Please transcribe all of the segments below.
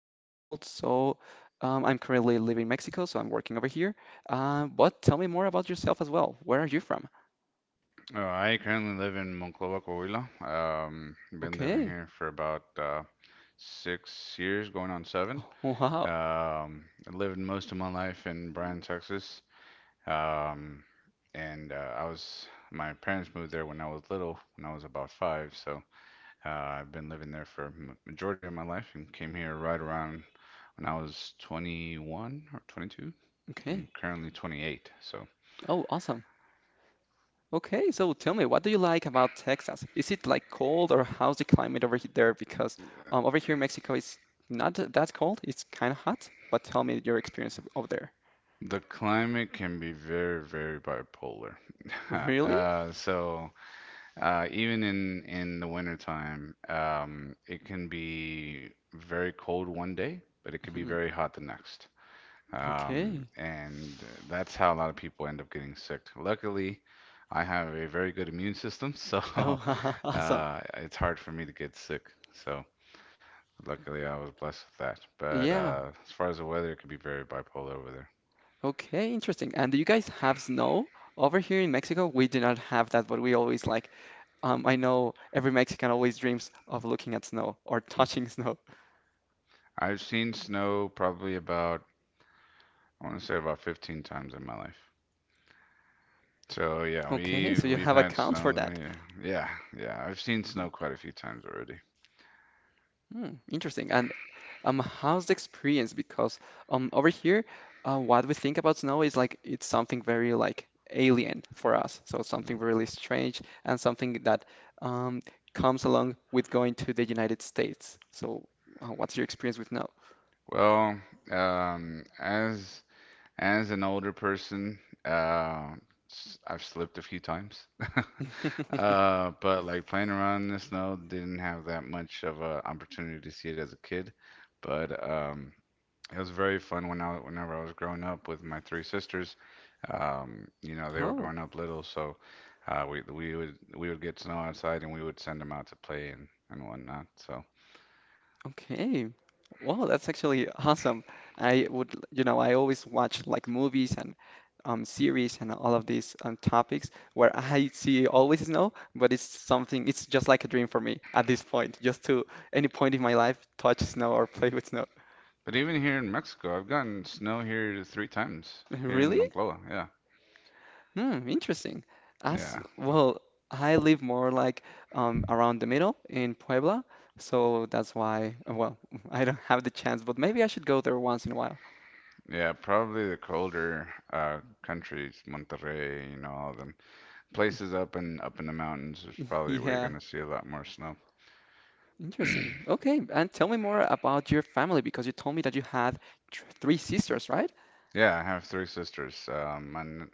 years old. So I'm currently living in Mexico. So I'm working over here. But tell me more about yourself as well. Where are you from? I currently live in Monclova, Coahuila. Been living Okay. here for about 6 years, going on seven. Wow. I lived most of my life in Bryan, Texas. Um, and I was My parents moved there when I was little, when I was about five. So I've been living there for majority of my life and came here right around when I was 21 or 22. I'm Okay. currently 28, so Oh, awesome. Okay, so tell me, what do you like about Texas? Is it like cold or how's the climate over there? Because over here in Mexico, it's not that cold. It's kind of hot. But tell me your experience over there. the climate can be very, very bipolar. Really? Uh, so Even in the wintertime, it can be very cold one day, but it can be Mhm. very hot the next. Okay. And That's how a lot of people end up getting sick. Luckily, I have a very good immune system, so Oh, awesome. It's hard for me to get sick. So luckily, I was blessed with that. But Yeah. uh, as far as the weather, it could be very bipolar over there. Okay, interesting. And do you guys have snow? Over here in Mexico, we do not have that, but we always like, I know every Mexican always dreams of looking at snow or Hmm. touching snow. I've seen snow probably I want to say about 15 times in my life. So yeah, Okay, so you we've have a had count snow for there. that. Yeah, yeah, yeah. I've seen snow quite a few times already. Hmm, interesting. And how's the experience? Because over here, what we think about snow is like it's something very like alien for us. So something really strange and something that um, comes along with going to the United States. So, what's your experience with snow? Well, um, as As an older person, uh, I've slipped a few times. But like playing around in the snow, didn't have that much of an opportunity to see it as a kid. But It was very fun whenever I was growing up with my three sisters. You know, they were Oh. growing up little, so we would get snow outside and we would send them out to play and whatnot. So, Okay. Wow, that's actually awesome. I would, you know, I always watch like movies and series and all of these topics where I see always snow, but it's just like a dream for me at this point, just to any point in my life touch snow or play with snow. but even here in Mexico, I've gotten snow here three times here in Really? Monclova. Yeah, Hmm, interesting. As yeah. well, I live more like around the middle in Puebla, so that's why, well, I don't have the chance, but maybe I should go there once in a while. Yeah, probably the colder countries, Monterrey, you know, all them places up in the mountains is probably where you're Yeah. gonna see a lot more snow. Interesting. Okay, and tell me more about your family because you told me that you had tr three sisters, right? Yeah, I have three sisters. And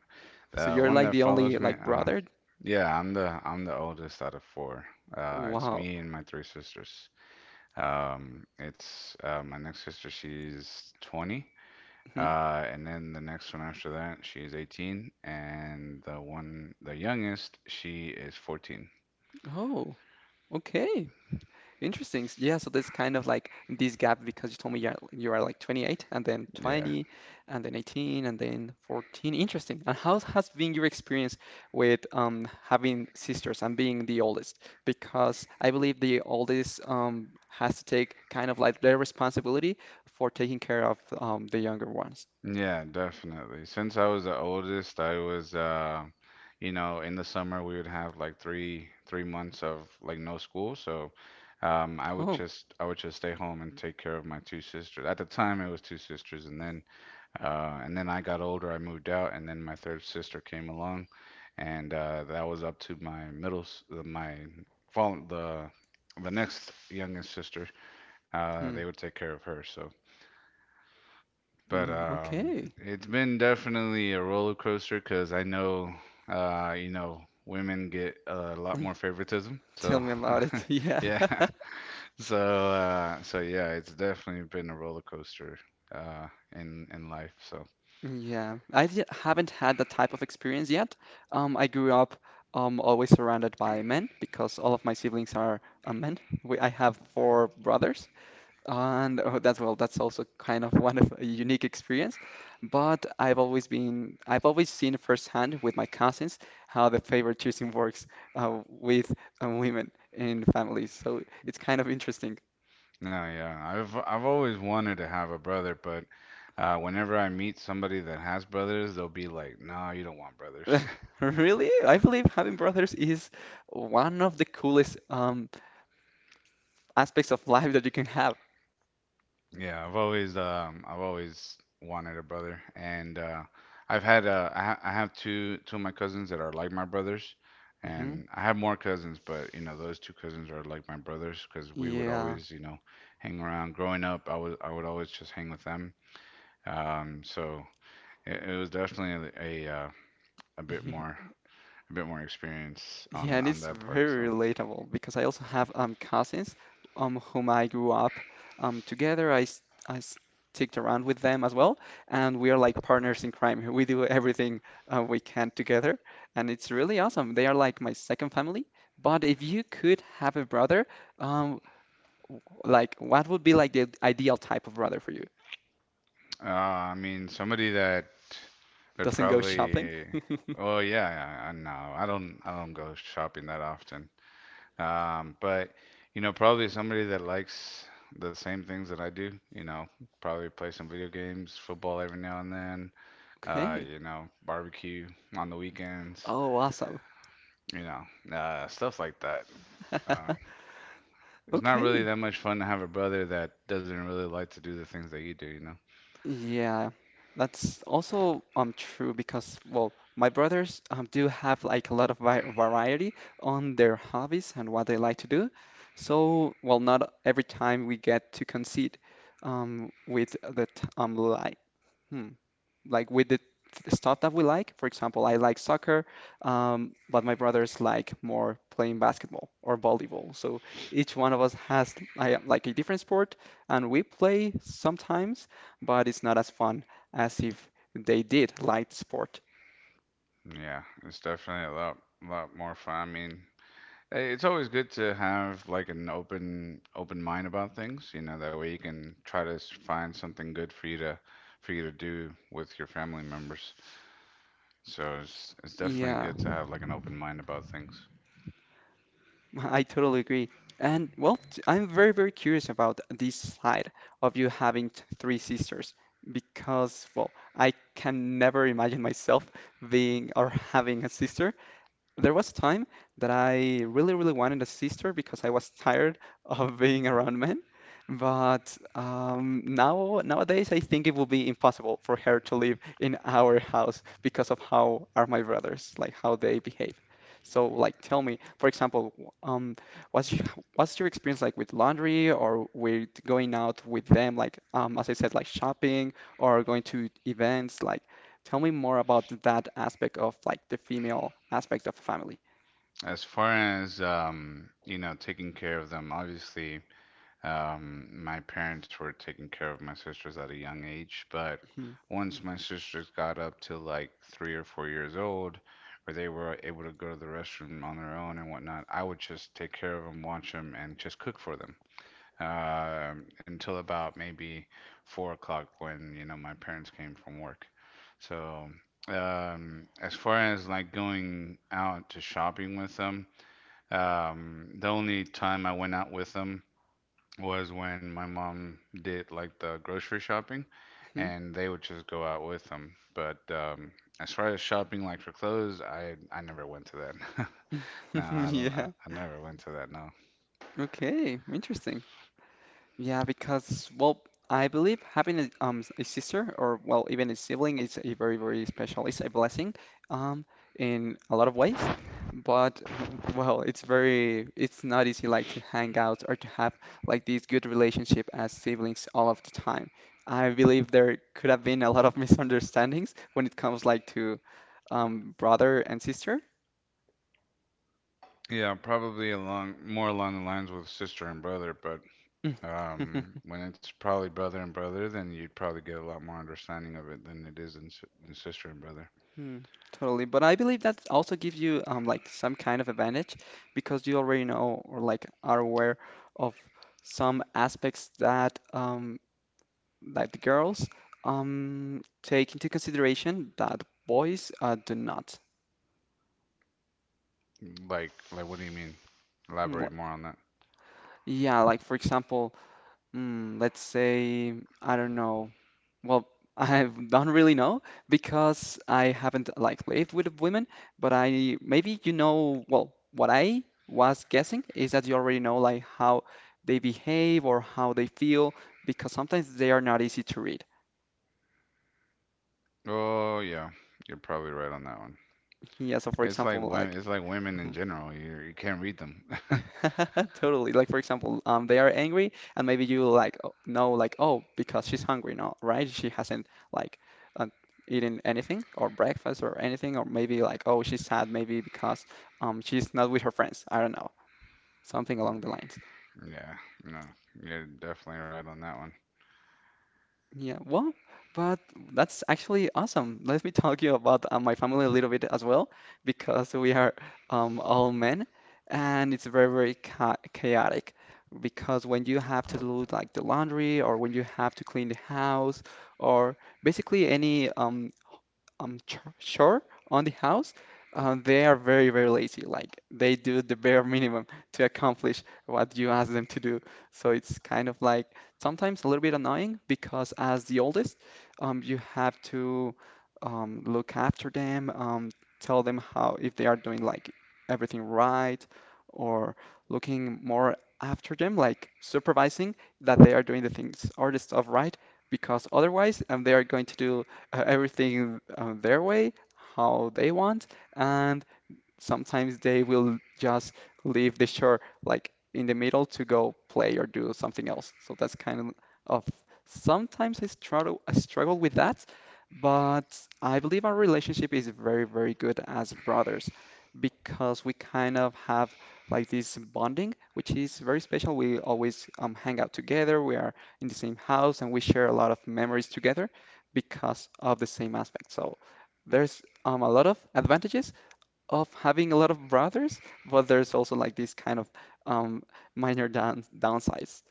So the you're one like that the only follows me, like brother. Yeah, I'm the oldest out of four. It's Wow. me and my three sisters. It's My next sister, she's 20. Hmm. And then the next one after that, she's 18, and the youngest, she is 14. Oh, okay. Interesting. Yeah, so there's kind of like this gap because you told me you are like 28 and then Yeah, 20 and then 18 and then 14. Interesting. And how has been your experience with having sisters and being the oldest? Because I believe the oldest has to take kind of like their responsibility for taking care of the younger ones. yeah, definitely. Since I was the oldest, you know, in the summer we would have like three months of like no school, so Oh, I would just stay home and take care of my two sisters. At the time, it was two sisters, and then I got older, I moved out, and then my third sister came along, and that was up to my fall the next youngest sister. They mhm. would take care of her, so. But Mm, um, okay. it's been definitely a roller coaster because I know, you know, women get a lot more favoritism. Tell So, me about it. Yeah. yeah. So yeah, it's definitely been a roller coaster, uh, in life. So, Yeah, I haven't had that type of experience yet. I grew up always surrounded by men because all of my siblings are men. I have four brothers, and oh, that's well, that's also kind of one of a unique experience. But I've always seen firsthand with my cousins how the favor choosing works with women in families. So it's kind of interesting. no, yeah, I've always wanted to have a brother, but whenever I meet somebody that has brothers, they'll be like, "No, you don't want brothers." Really, I believe having brothers is one of the coolest. Aspects of life that you can have. Yeah, I've always wanted a brother and I've had I, ha I have two of my cousins that are like my brothers, Hmm. and I have more cousins, but you know those two cousins are like my brothers because we would Yeah. always, you know, hang around growing up. I would always just hang with them, so it was definitely a bit more a bit more experience Yeah, on and it's that part, very so relatable because I also have cousins whom I grew up together. I sticked around with them as well, and we are like partners in crime. We do everything we can together, and it's really awesome. They are like my second family. But if you could have a brother, um, like what would be like the ideal type of brother for you? I mean, somebody that would Doesn't go shopping? probably. Oh yeah, I know. I don't go shopping that often. But you know, probably somebody that likes the same things that I do. You know, probably play some video games, football every now and then. Okay. You know, barbecue on the weekends. Oh, awesome. You know, stuff like that. Uh, it's not really Okay. that much fun to have a brother that doesn't really like to do the things that you do. You know. Yeah, that's also true because well, my brothers do have like a lot of vi variety on their hobbies and what they like to do. So, well, not every time we get to concede with the t like. Hmm, like with the stuff that we like. For example, I like soccer, but my brothers like more playing basketball or volleyball. So each one of us has like a different sport, and we play sometimes, but it's not as fun as if they did like the sport. Yeah, it's definitely lot more fun. I mean, hey, it's always good to have like an open mind about things, you know, that way you can try to find something good for you to do with your family members. So it's definitely Yeah, good to have like an open mind about things. I totally agree. And well, I'm very, very curious about this side of you having three sisters because, well, I can never imagine myself being or having a sister. There was a time that I really, really wanted a sister because I was tired of being around men. But now, nowadays, I think it will be impossible for her to live in our house because of how are my brothers, like how they behave. So, like, tell me, for example, what's your, what's your experience like with laundry or with going out with them, like, as I said, like shopping or going to events? Like, tell me more about that aspect of like the female aspect of a family. As far as you know, taking care of them, obviously my parents were taking care of my sisters at a young age, but Mhm. once my sisters got up to like 3 or 4 years old, where they were able to go to the restroom on their own and whatnot, I would just take care of them, watch them, and just cook for them. Until about maybe 4 o'clock when, you know, my parents came from work. So, as far as like going out to shopping with them, the only time I went out with them was when my mom did like the grocery shopping Mhm. and they would just go out with them. But as far as shopping like for clothes, I never went to that. No, I don't. Yeah. I never went to that. No. Okay. Interesting. Yeah, because well, I believe having a, a sister or well even a sibling is a very very special. It's a blessing, um, in a lot of ways. But well, it's not easy like to hang out or to have like these good relationship as siblings all of the time. I believe there could have been a lot of misunderstandings when it comes like to brother and sister. Yeah, probably along more along the lines with sister and brother. But Mm. um, when it's probably brother and brother, then you'd probably get a lot more understanding of it than it is in sister and brother. Hmm, totally. But I believe that also gives you like some kind of advantage because you already know or like are aware of some aspects that that the girls take into consideration that boys do not. Like, what do you mean? Hmm, Elaborate more on that. yeah, like for example, let's say I don't know. Well, I don't really know because I haven't like lived with women, but I maybe you know, well, what I was guessing is that you already know like how they behave or how they feel because sometimes they are not easy to read. Oh, yeah, you're probably right on that one. Yeah, so for It's like example, women. like It's like women in general. You can't read them. totally. Like for example, they are angry, and maybe you like know like oh because she's hungry, no, right? She hasn't like uh, eaten anything or breakfast or anything, or maybe like oh she's sad, maybe because she's not with her friends. I don't know, something along the lines. Yeah. No. You're definitely right on that one. Yeah, well, but that's actually awesome. Let me talk you about my family a little bit as well, because we are all men, and it's very, very chaotic. Because when you have to do like the laundry, or when you have to clean the house, or basically any chore on the house, they are very, very lazy. Like they do the bare minimum to accomplish what you ask them to do. So it's kind of like sometimes a little bit annoying because as the oldest, you have to look after them, tell them how if they are doing like everything right or looking more after them, like supervising that they are doing the things or the stuff right, because otherwise they are going to do everything their way, how they want, and sometimes they will just leave the shore like in the middle to go play or do something else. So that's kind of sometimes I struggle with that, but I believe our relationship is very, very good as brothers because we kind of have like this bonding, which is very special. We always hang out together. We are in the same house and we share a lot of memories together because of the same aspect. So there's a lot of advantages of having a lot of brothers, but there's also like this kind of um, minor downsides.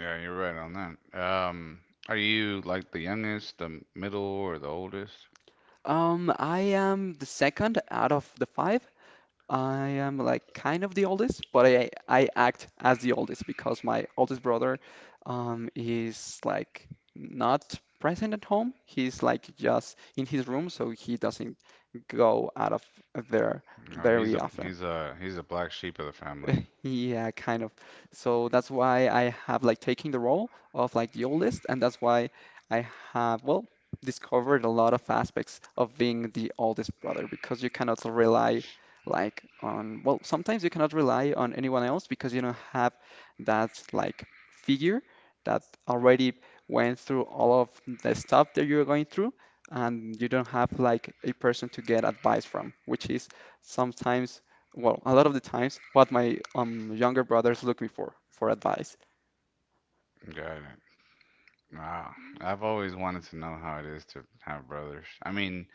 Yeah, you're right on that. Are you like the youngest, the middle, or the oldest? I am the second out of the five. I am like kind of the oldest, but I act as the oldest because my oldest brother is like not present at home. He's like just in his room, so he doesn't go out of there No, very often. He's a black sheep of the family. Yeah, kind of. So that's why I have like taking the role of like the oldest, and that's why I have, well, discovered a lot of aspects of being the oldest brother because you cannot rely like on, well, sometimes you cannot rely on anyone else because you don't have that like figure that already went through all of the stuff that you're going through, and you don't have like a person to get advice from, which is sometimes well, a lot of the times, what my younger brothers look me for advice. Got it. Wow. I've always wanted to know how it is to have brothers. I mean,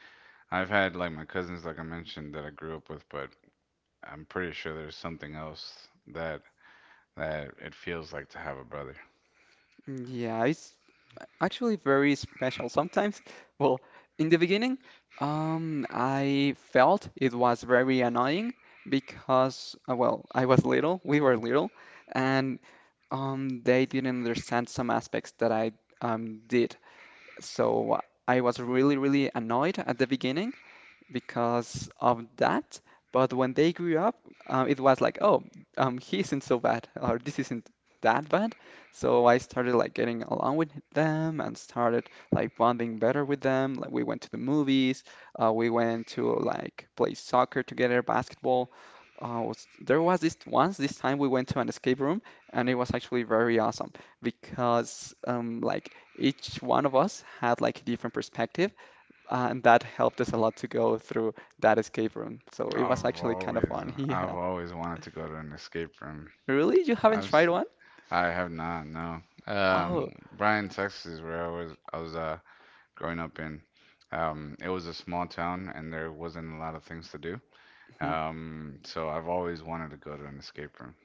I've had like my cousins, like I mentioned, that I grew up with, but I'm pretty sure there's something else that it feels like to have a brother. Mm, yeah, it's actually very special sometimes. Well, in the beginning, I felt it was very annoying because, well, I was little, we were little, and they didn't understand some aspects that I did. So I was really, really annoyed at the beginning, because of that. But when they grew up, it was like, oh, he isn't so bad, or this isn't that bad. So I started like getting along with them and started like bonding better with them. Like we went to the movies, we went to like play soccer together, basketball. There was this time we went to an escape room, and it was actually very awesome because like each one of us had like a different perspective and that helped us a lot to go through that escape room. So it was I've actually kind of always, fun. I've Yeah. always wanted to go to an escape room. Really? You haven't I've, tried s- one? I have not, no. Oh. Bryan, Texas, where I was growing up in, it was a small town and there wasn't a lot of things to do. Mm-hmm. So I've always wanted to go to an escape room.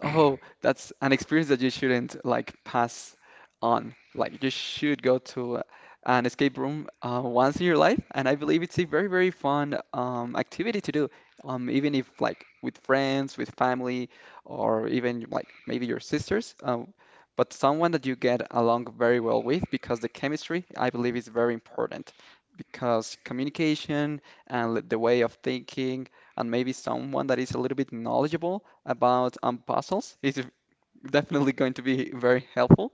Oh, that's an experience that you shouldn't like pass on. Like you should go to an escape room once in your life, and I believe it's a very, very fun activity to do. Even if like with friends, with family, or even like maybe your sisters, but someone that you get along very well with, because the chemistry, I believe, is very important. Because communication and the way of thinking, and maybe someone that is a little bit knowledgeable about puzzles. It's definitely going to be very helpful.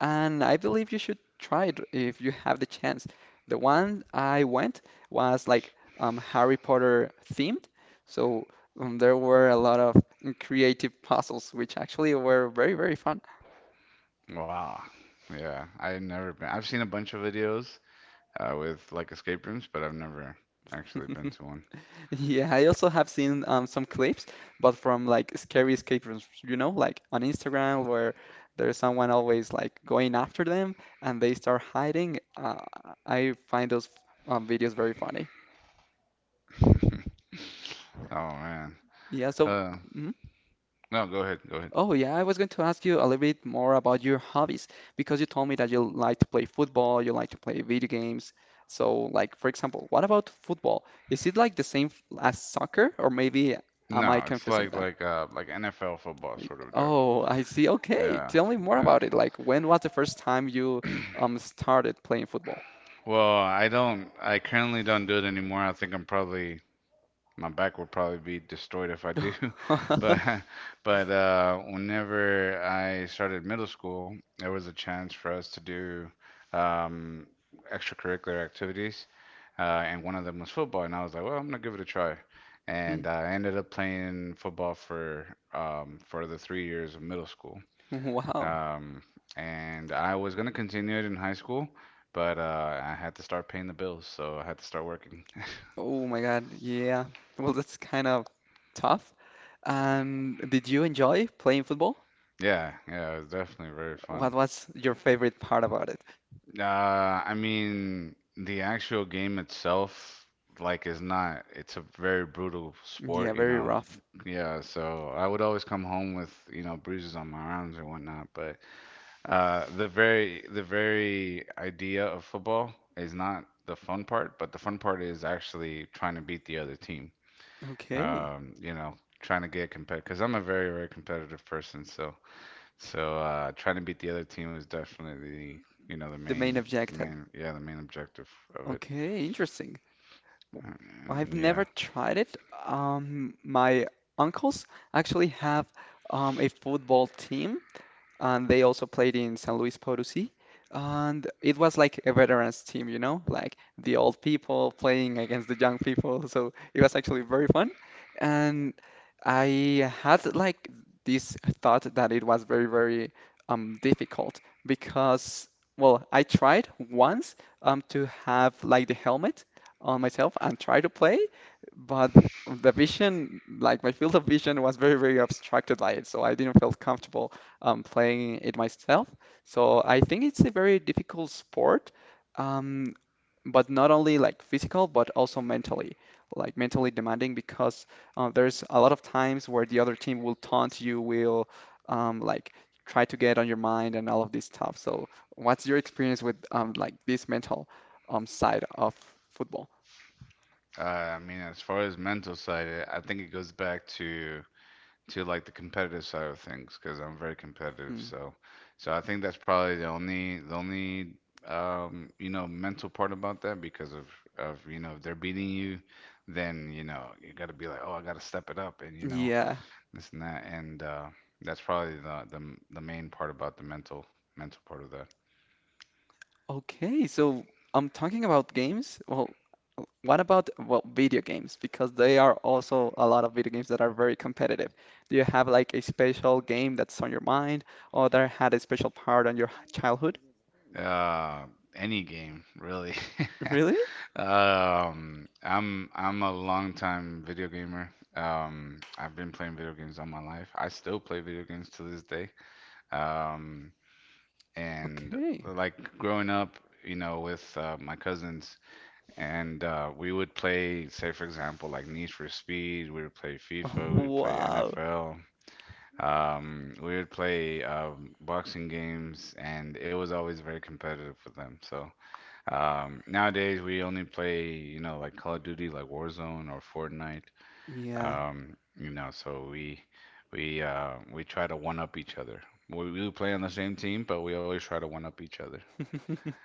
And I believe you should try it if you have the chance. The one I went was like Harry Potter themed. So there were a lot of creative puzzles, which actually were very, very fun. Wow. Yeah, I've never been. I've seen a bunch of videos with like escape rooms, but I've never actually been to one. Yeah, I also have seen some clips, but from like scary escape rooms, like on Instagram where there's someone always like going after them and they start hiding. I find those videos very funny. Oh man. Yeah, so, Uh, mhm. no, go ahead, go ahead. Oh, yeah, I was going to ask you a little bit more about your hobbies because you told me that you like to play football, you like to play video games. So, like, for example, what about football? Is it like the same as soccer, or maybe am I No, it's confusing like them? like uh like NFL football sort of deal. Oh, I see. Okay. Yeah, Tell me more yeah. about it. Like, when was the first time you started playing football? Well, I currently don't do it anymore. I think I'm probably my back will probably be destroyed if I do. But but whenever I started middle school, there was a chance for us to do um, extracurricular activities, and one of them was football. And I was like, well, I'm gonna give it a try. Hmm. And I ended up playing football for the 3 years of middle school. Wow. Um, and I was gonna continue it in high school, but I had to start paying the bills, so I had to start working. Oh my God. Yeah. Well, that's kind of tough. And did you enjoy playing football? Yeah, yeah, it was definitely very What fun. was your favorite part about it? I mean, the actual game itself, like, is not, it's a very brutal Yeah, sport, you very know. rough. Yeah, so I would always come home with, you know, bruises on my arms and whatnot, but the very idea of football is not the fun part, but the fun part is actually trying to beat the other team. Okay. You know, trying to get competitive because I'm a very, very competitive person. So, trying to beat the other team was definitely you know, The main objective. Yeah, the main objective of it. Okay, interesting. W- I've Mm, never yeah. tried it. My uncles actually have a football team, and they also played in San Luis Potosí. And it was like a veterans team, you know, like the old people playing against the young people. So it was actually very fun. And I had like this thought that it was very, very difficult because, well, I tried once to have like the helmet on myself and try to play, but the vision, like my field of vision was very, very obstructed by it. So I didn't feel comfortable playing it myself. So I think it's a very difficult sport, um, but not only like physical, but also mentally, like mentally demanding because there's a lot of times where the other team will taunt you, will like try to get on your mind and all of this stuff. So what's your experience with like this mental side of football? I mean, as far as mental side, I think it goes back to like the competitive side of things because I'm very competitive. Hmm. So I think that's probably the only you know, mental part about that because of, you know, if they're beating you, then you know you got to be like, oh, I got to step it up and you know Yeah. this and that and that's probably the main part about the mental part of that. Okay, so I'm talking about games. Well, what about well video games? Because there are also a lot of video games that are very competitive. Do you have like a special game that's on your mind or that had a special part on your childhood? Uh, any game really. Really? I'm a long time video gamer. I've been playing video games all my life. I still play video games to this day. Um, and Okay. like growing up, you know, with my cousins, and we would play, say for example, like Need for Speed. We would play FIFA. We would play Wow. NFL. We would play boxing games, and it was always very competitive for them. So nowadays, we only play, you know, like Call of Duty, like Warzone or Fortnite. Yeah. You know, so we try to one up each other. We play on the same team, but we always try to one up each other.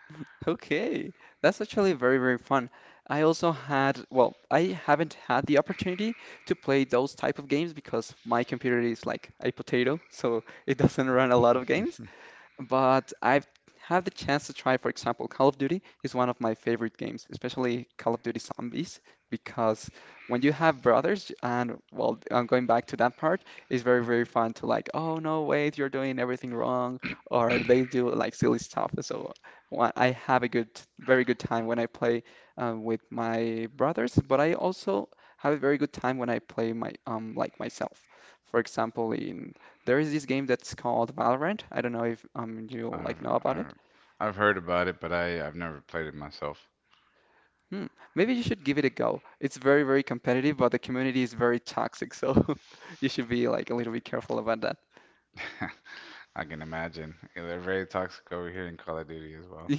Okay, that's actually very, very fun. I also had, well, I haven't had the opportunity to play those type of games because my computer is like a potato, so it doesn't run a lot of games but I've had the chance to try, for example, Call of Duty is one of my favorite games, especially Call of Duty Zombies, because when you have brothers, and well, I'm going back to that part, it's very, very fun to like, oh no, wait, you're doing everything wrong, or they do like silly stuff. So I have a good, very good time when I play with my brothers, but I also have a very good time when I play my like myself. For example, in there is this game that's called Valorant. I don't know if you I've, like know about it. I've I've heard about it, but I've never played it myself. Hmm. Maybe you should give it a go. It's very, very competitive, but the community is very toxic, so you should be like a little bit careful about that. I can imagine. Yeah, they're very toxic over here in Call of Duty as well.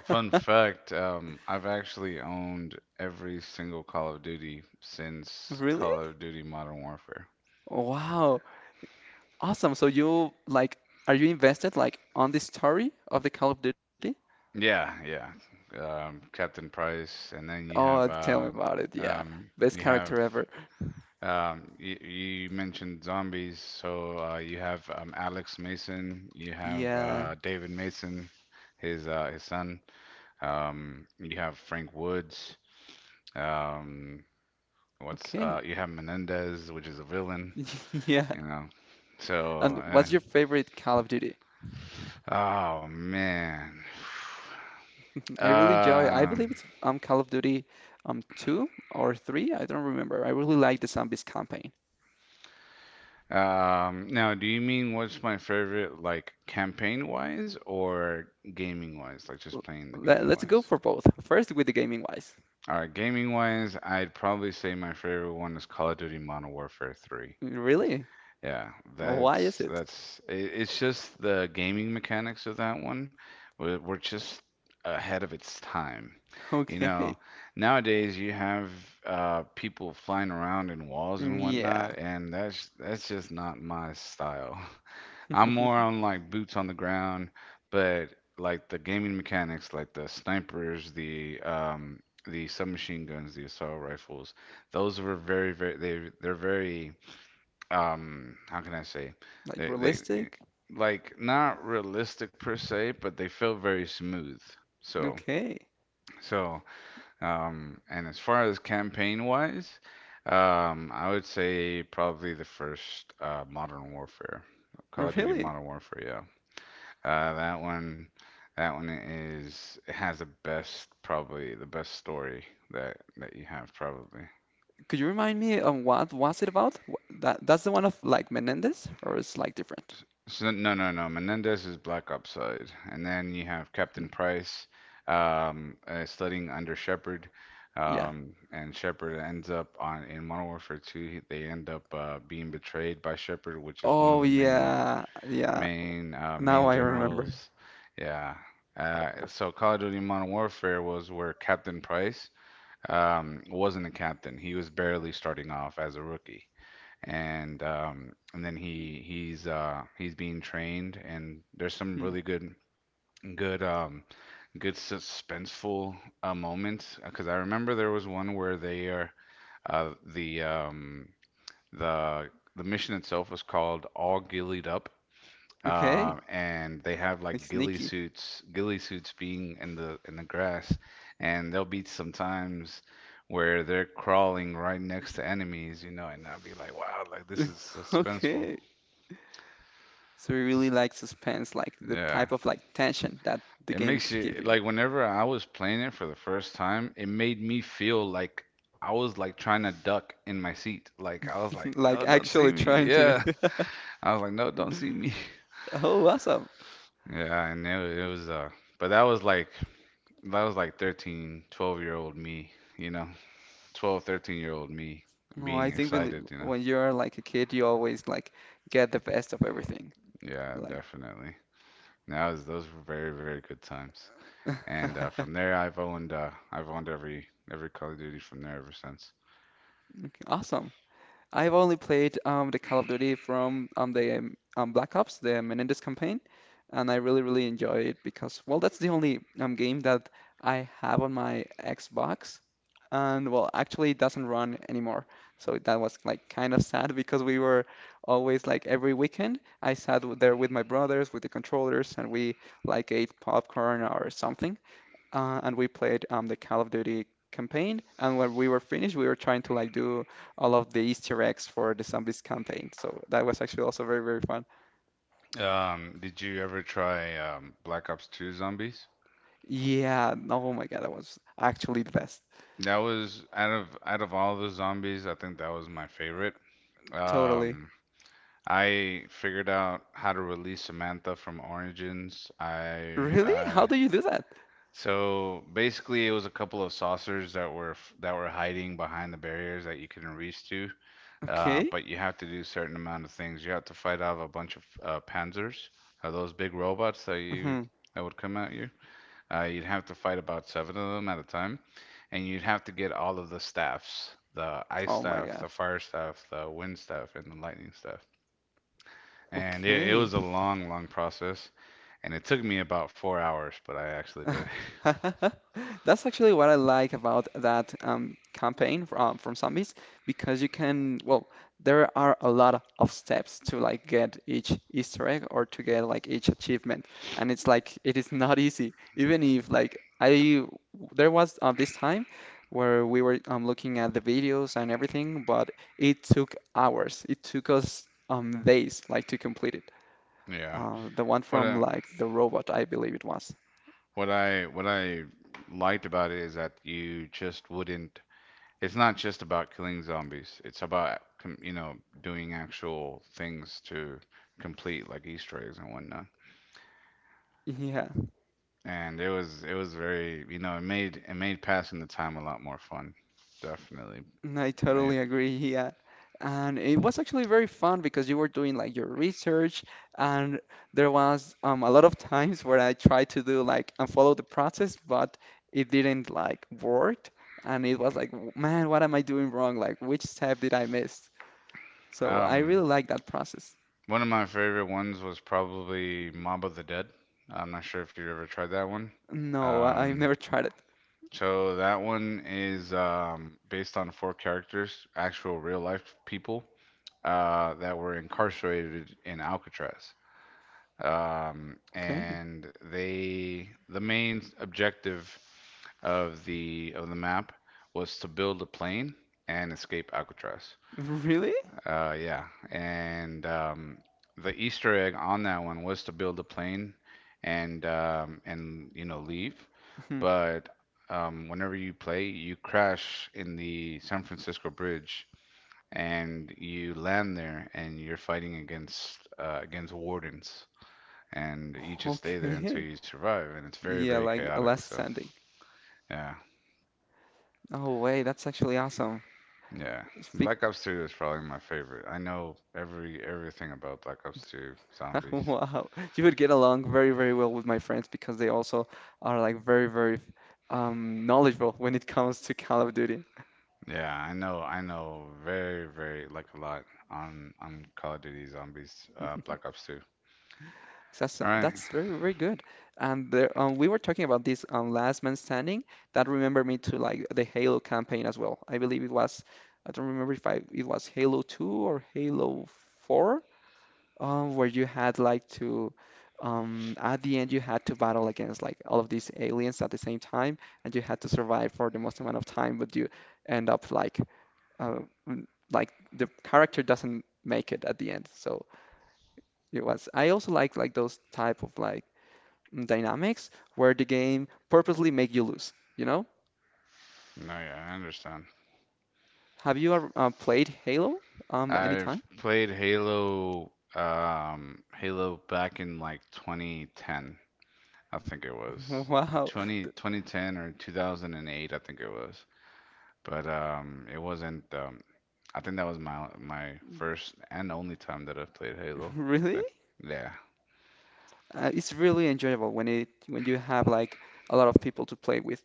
Fun fact, I've actually owned every single Call of Duty since Really? Call of Duty Modern Warfare. Wow. Awesome. So you like are you invested like on the story of the Call of Duty? Yeah, yeah. Captain Price, and then you Oh, have tell me about it. Yeah. Best you have character ever. You, you mentioned zombies, so you have Alex Mason, you have Yeah. David Mason, his son. You have Frank Woods. Um, what's Okay. You have Menendez, which is a villain, Yeah. you know. So, And uh, what's your favorite Call of Duty? oh man. I really enjoy. I Um, believe it's Call of Duty two or three. I don't remember. I really like the zombies campaign. Now, do you mean what's my favorite, like campaign wise or gaming wise? Like just L- playing the game Let's go wise? for both. First with the gaming wise. All right, gaming wise, I'd probably say my favorite one is Call of Duty Modern Warfare 3. Really? Yeah, Why is it? It's just the gaming mechanics of that one were just ahead of its time. You Okay. know, nowadays you have people flying around in walls and Yeah. whatnot, and that's just not my style. I'm more on like boots on the ground, but like the gaming mechanics, like the snipers, the submachine guns, the assault rifles, those were very, very they they're very, how can I say, Like they realistic? like not realistic per se, but they feel very smooth. So Okay. so and as far as campaign wise, I would say probably the first Modern Warfare, Call of Duty Really? Modern Warfare, yeah. Uh, that one, that one is it has the best probably the best story that you have probably. Could you remind me on what was it about? That that's the one of like Menendez or it's like different? No, Menendez is Black Ops side, and then you have Mhm. Captain Price, studying under Shepard, Yeah. And Shepard ends up on in Modern Warfare 2. They end up being betrayed by Shepard, which is one of Oh the main yeah. Yeah. main uh, Now main I remember. generals. Yeah. So Call of Duty Modern Warfare was where Captain Price wasn't a captain. He was barely starting off as a rookie, and then he's being trained, and there's some Hmm. really good um, good suspenseful moments because I remember there was one where they are uh, the um, the the mission itself was called All Gillied Up, Okay. And they have Like like sneaky. Ghillie suits being in the grass, and there'll be sometimes where they're crawling right next to enemies, you know, and I'll be like, wow, like this is suspenseful. Okay. So you really like suspense, like the Yeah, type of like tension that the it makes games give you you. like whenever I was playing it for the first time, it made me feel like I was like trying to duck in my seat. Like I was like, Like no, don't see actually me. trying to Yeah, know. I was like, no, don't see me. Oh, awesome. Yeah, and it, wa- it was but that was like that was like 13, 12 year old me, you know, 12, 13 year old me Oh, being I think we, excited, you know. when you're like a kid, you always like get the best of everything. Yeah, Like, definitely. That was those were very, very good times. And uh, okay, from there, I've owned uh, I've owned every Call of Duty from there ever since. awesome. I've only played the Call of Duty from the Black Ops, the Menendez campaign, and I really, really enjoy it because, well, that's the only game that I have on my Xbox. And, well, actually, it doesn't run anymore. So that was like kind of sad because we were always like every weekend, I sat there with my brothers, with the controllers, and we like ate popcorn or something and we played the Call of Duty campaign. And when we were finished, we were trying to like do all of the Easter eggs for the zombies campaign. So that was actually also very, very fun. Did you ever try Black Ops 2 Zombies? Yeah, no, oh my God, that was actually the best. That was out of all the zombies, I think that was my favorite. Totally. Um, I figured out how to release Samantha from Origins. I Really? How do you do that? So basically, it was a couple of saucers that were hiding behind the barriers that you couldn't reach to. Okay. But you have to do certain amount of things. You have to fight off a bunch of panzers, those big robots that you Hmm. that would come at you. You'd have to fight about 7 of them at a time, and you'd have to get all of the staffs, the ice Oh my staff, God. the fire staff, the wind staff, and the lightning staff. And it Okay. was a long, long process, and it took me about 4 hours, but I actually did. That's actually what I like about that campaign from zombies because you can, well, there are a lot of steps to like get each Easter egg or to get like each achievement, and it's like it is not easy. Even if like I, there was this time where we were looking at the videos and everything, but it took hours. It took us days like to complete it. Yeah. The one What from uh, like the robot, I believe it was. what I liked about it is that you just wouldn't. It's not just about killing zombies. It's about you know doing actual things to complete like Easter eggs and whatnot. Yeah. And it was very, you know, it made passing the time a lot more fun. Definitely I made. totally agree. Yeah. And it was actually very fun because you were doing like your research, and there was a lot of times where I tried to do like and follow the process, but it didn't like work. And it was like, man, what am I doing wrong? Like, which step did I miss? So I Um, really like that process. One of my favorite ones was probably Mob of the Dead. I'm not sure if you ever tried that one. No, I've Um, never tried it. So that one is based on four characters, actual real life people that were incarcerated in Alcatraz. Okay. And they, the main objective of the map was to build a plane and escape Alcatraz. Really? Yeah, and the Easter egg on that one was to build a plane and you know leave, Hmm. but whenever you play, you crash in the San Francisco Bridge and you land there and you're fighting against against wardens and you just stay there until Okay. you survive and it's very, Yeah, very like a chaotic. last So standing. yeah, Oh, wait, that's actually awesome. yeah. Speak Black Ops 2 is probably my favorite. I know everything about Black Ops 2 zombies. Wow. You would get along very, very well with my friends because they also are like very, very knowledgeable when it comes to Call of Duty. Yeah, I know very, very like a lot on Call of Duty zombies, Black Ops 2. All right. that's very very good. And there, we were talking about this Last Man Standing. That remembered me to like the Halo campaign as well. I believe it was I don't remember if I it was Halo 2 or Halo 4. Where you had like to at the end you had to battle against like all of these aliens at the same time, and you had to survive for the most amount of time, but you end up like uh, like the character doesn't make it at the end. So it was. I also like those type of like dynamics where the game purposely make you lose. You know? No, yeah, I understand. Have you ever played Halo anytime? I've played Halo, Halo back in like 2010, I think it was. Wow, 2010 or 2008, I think it was. But it wasn't. I think that was my first and only time that I've played Halo. I really? think. Yeah. It's really enjoyable when it when you have like a lot of people to play with.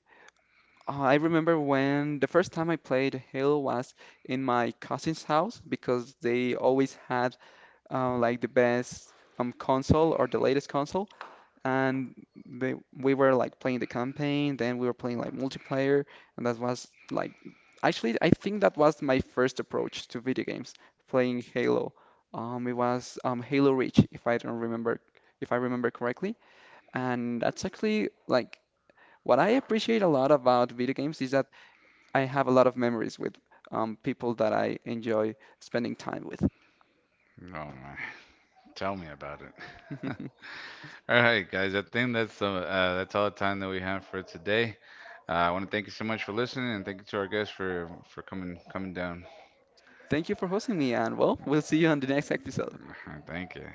I remember when the first time I played Halo was in my cousin's house because they always had like the best console or the latest console, and they we were like playing the campaign, then we were playing like multiplayer, and that was like actually I think that was my first approach to video games, playing Halo. It was Halo Reach, if I don't remember if I remember correctly, and that's actually like. What I appreciate a lot about video games is that I have a lot of memories with people that I enjoy spending time with. Oh my. Tell me about it. All right, guys. I think that's all the time that we have for today. I want to thank you so much for listening, and thank you to our guests for coming down. Thank you for hosting me, and well, we'll see you on the next episode. Thank you.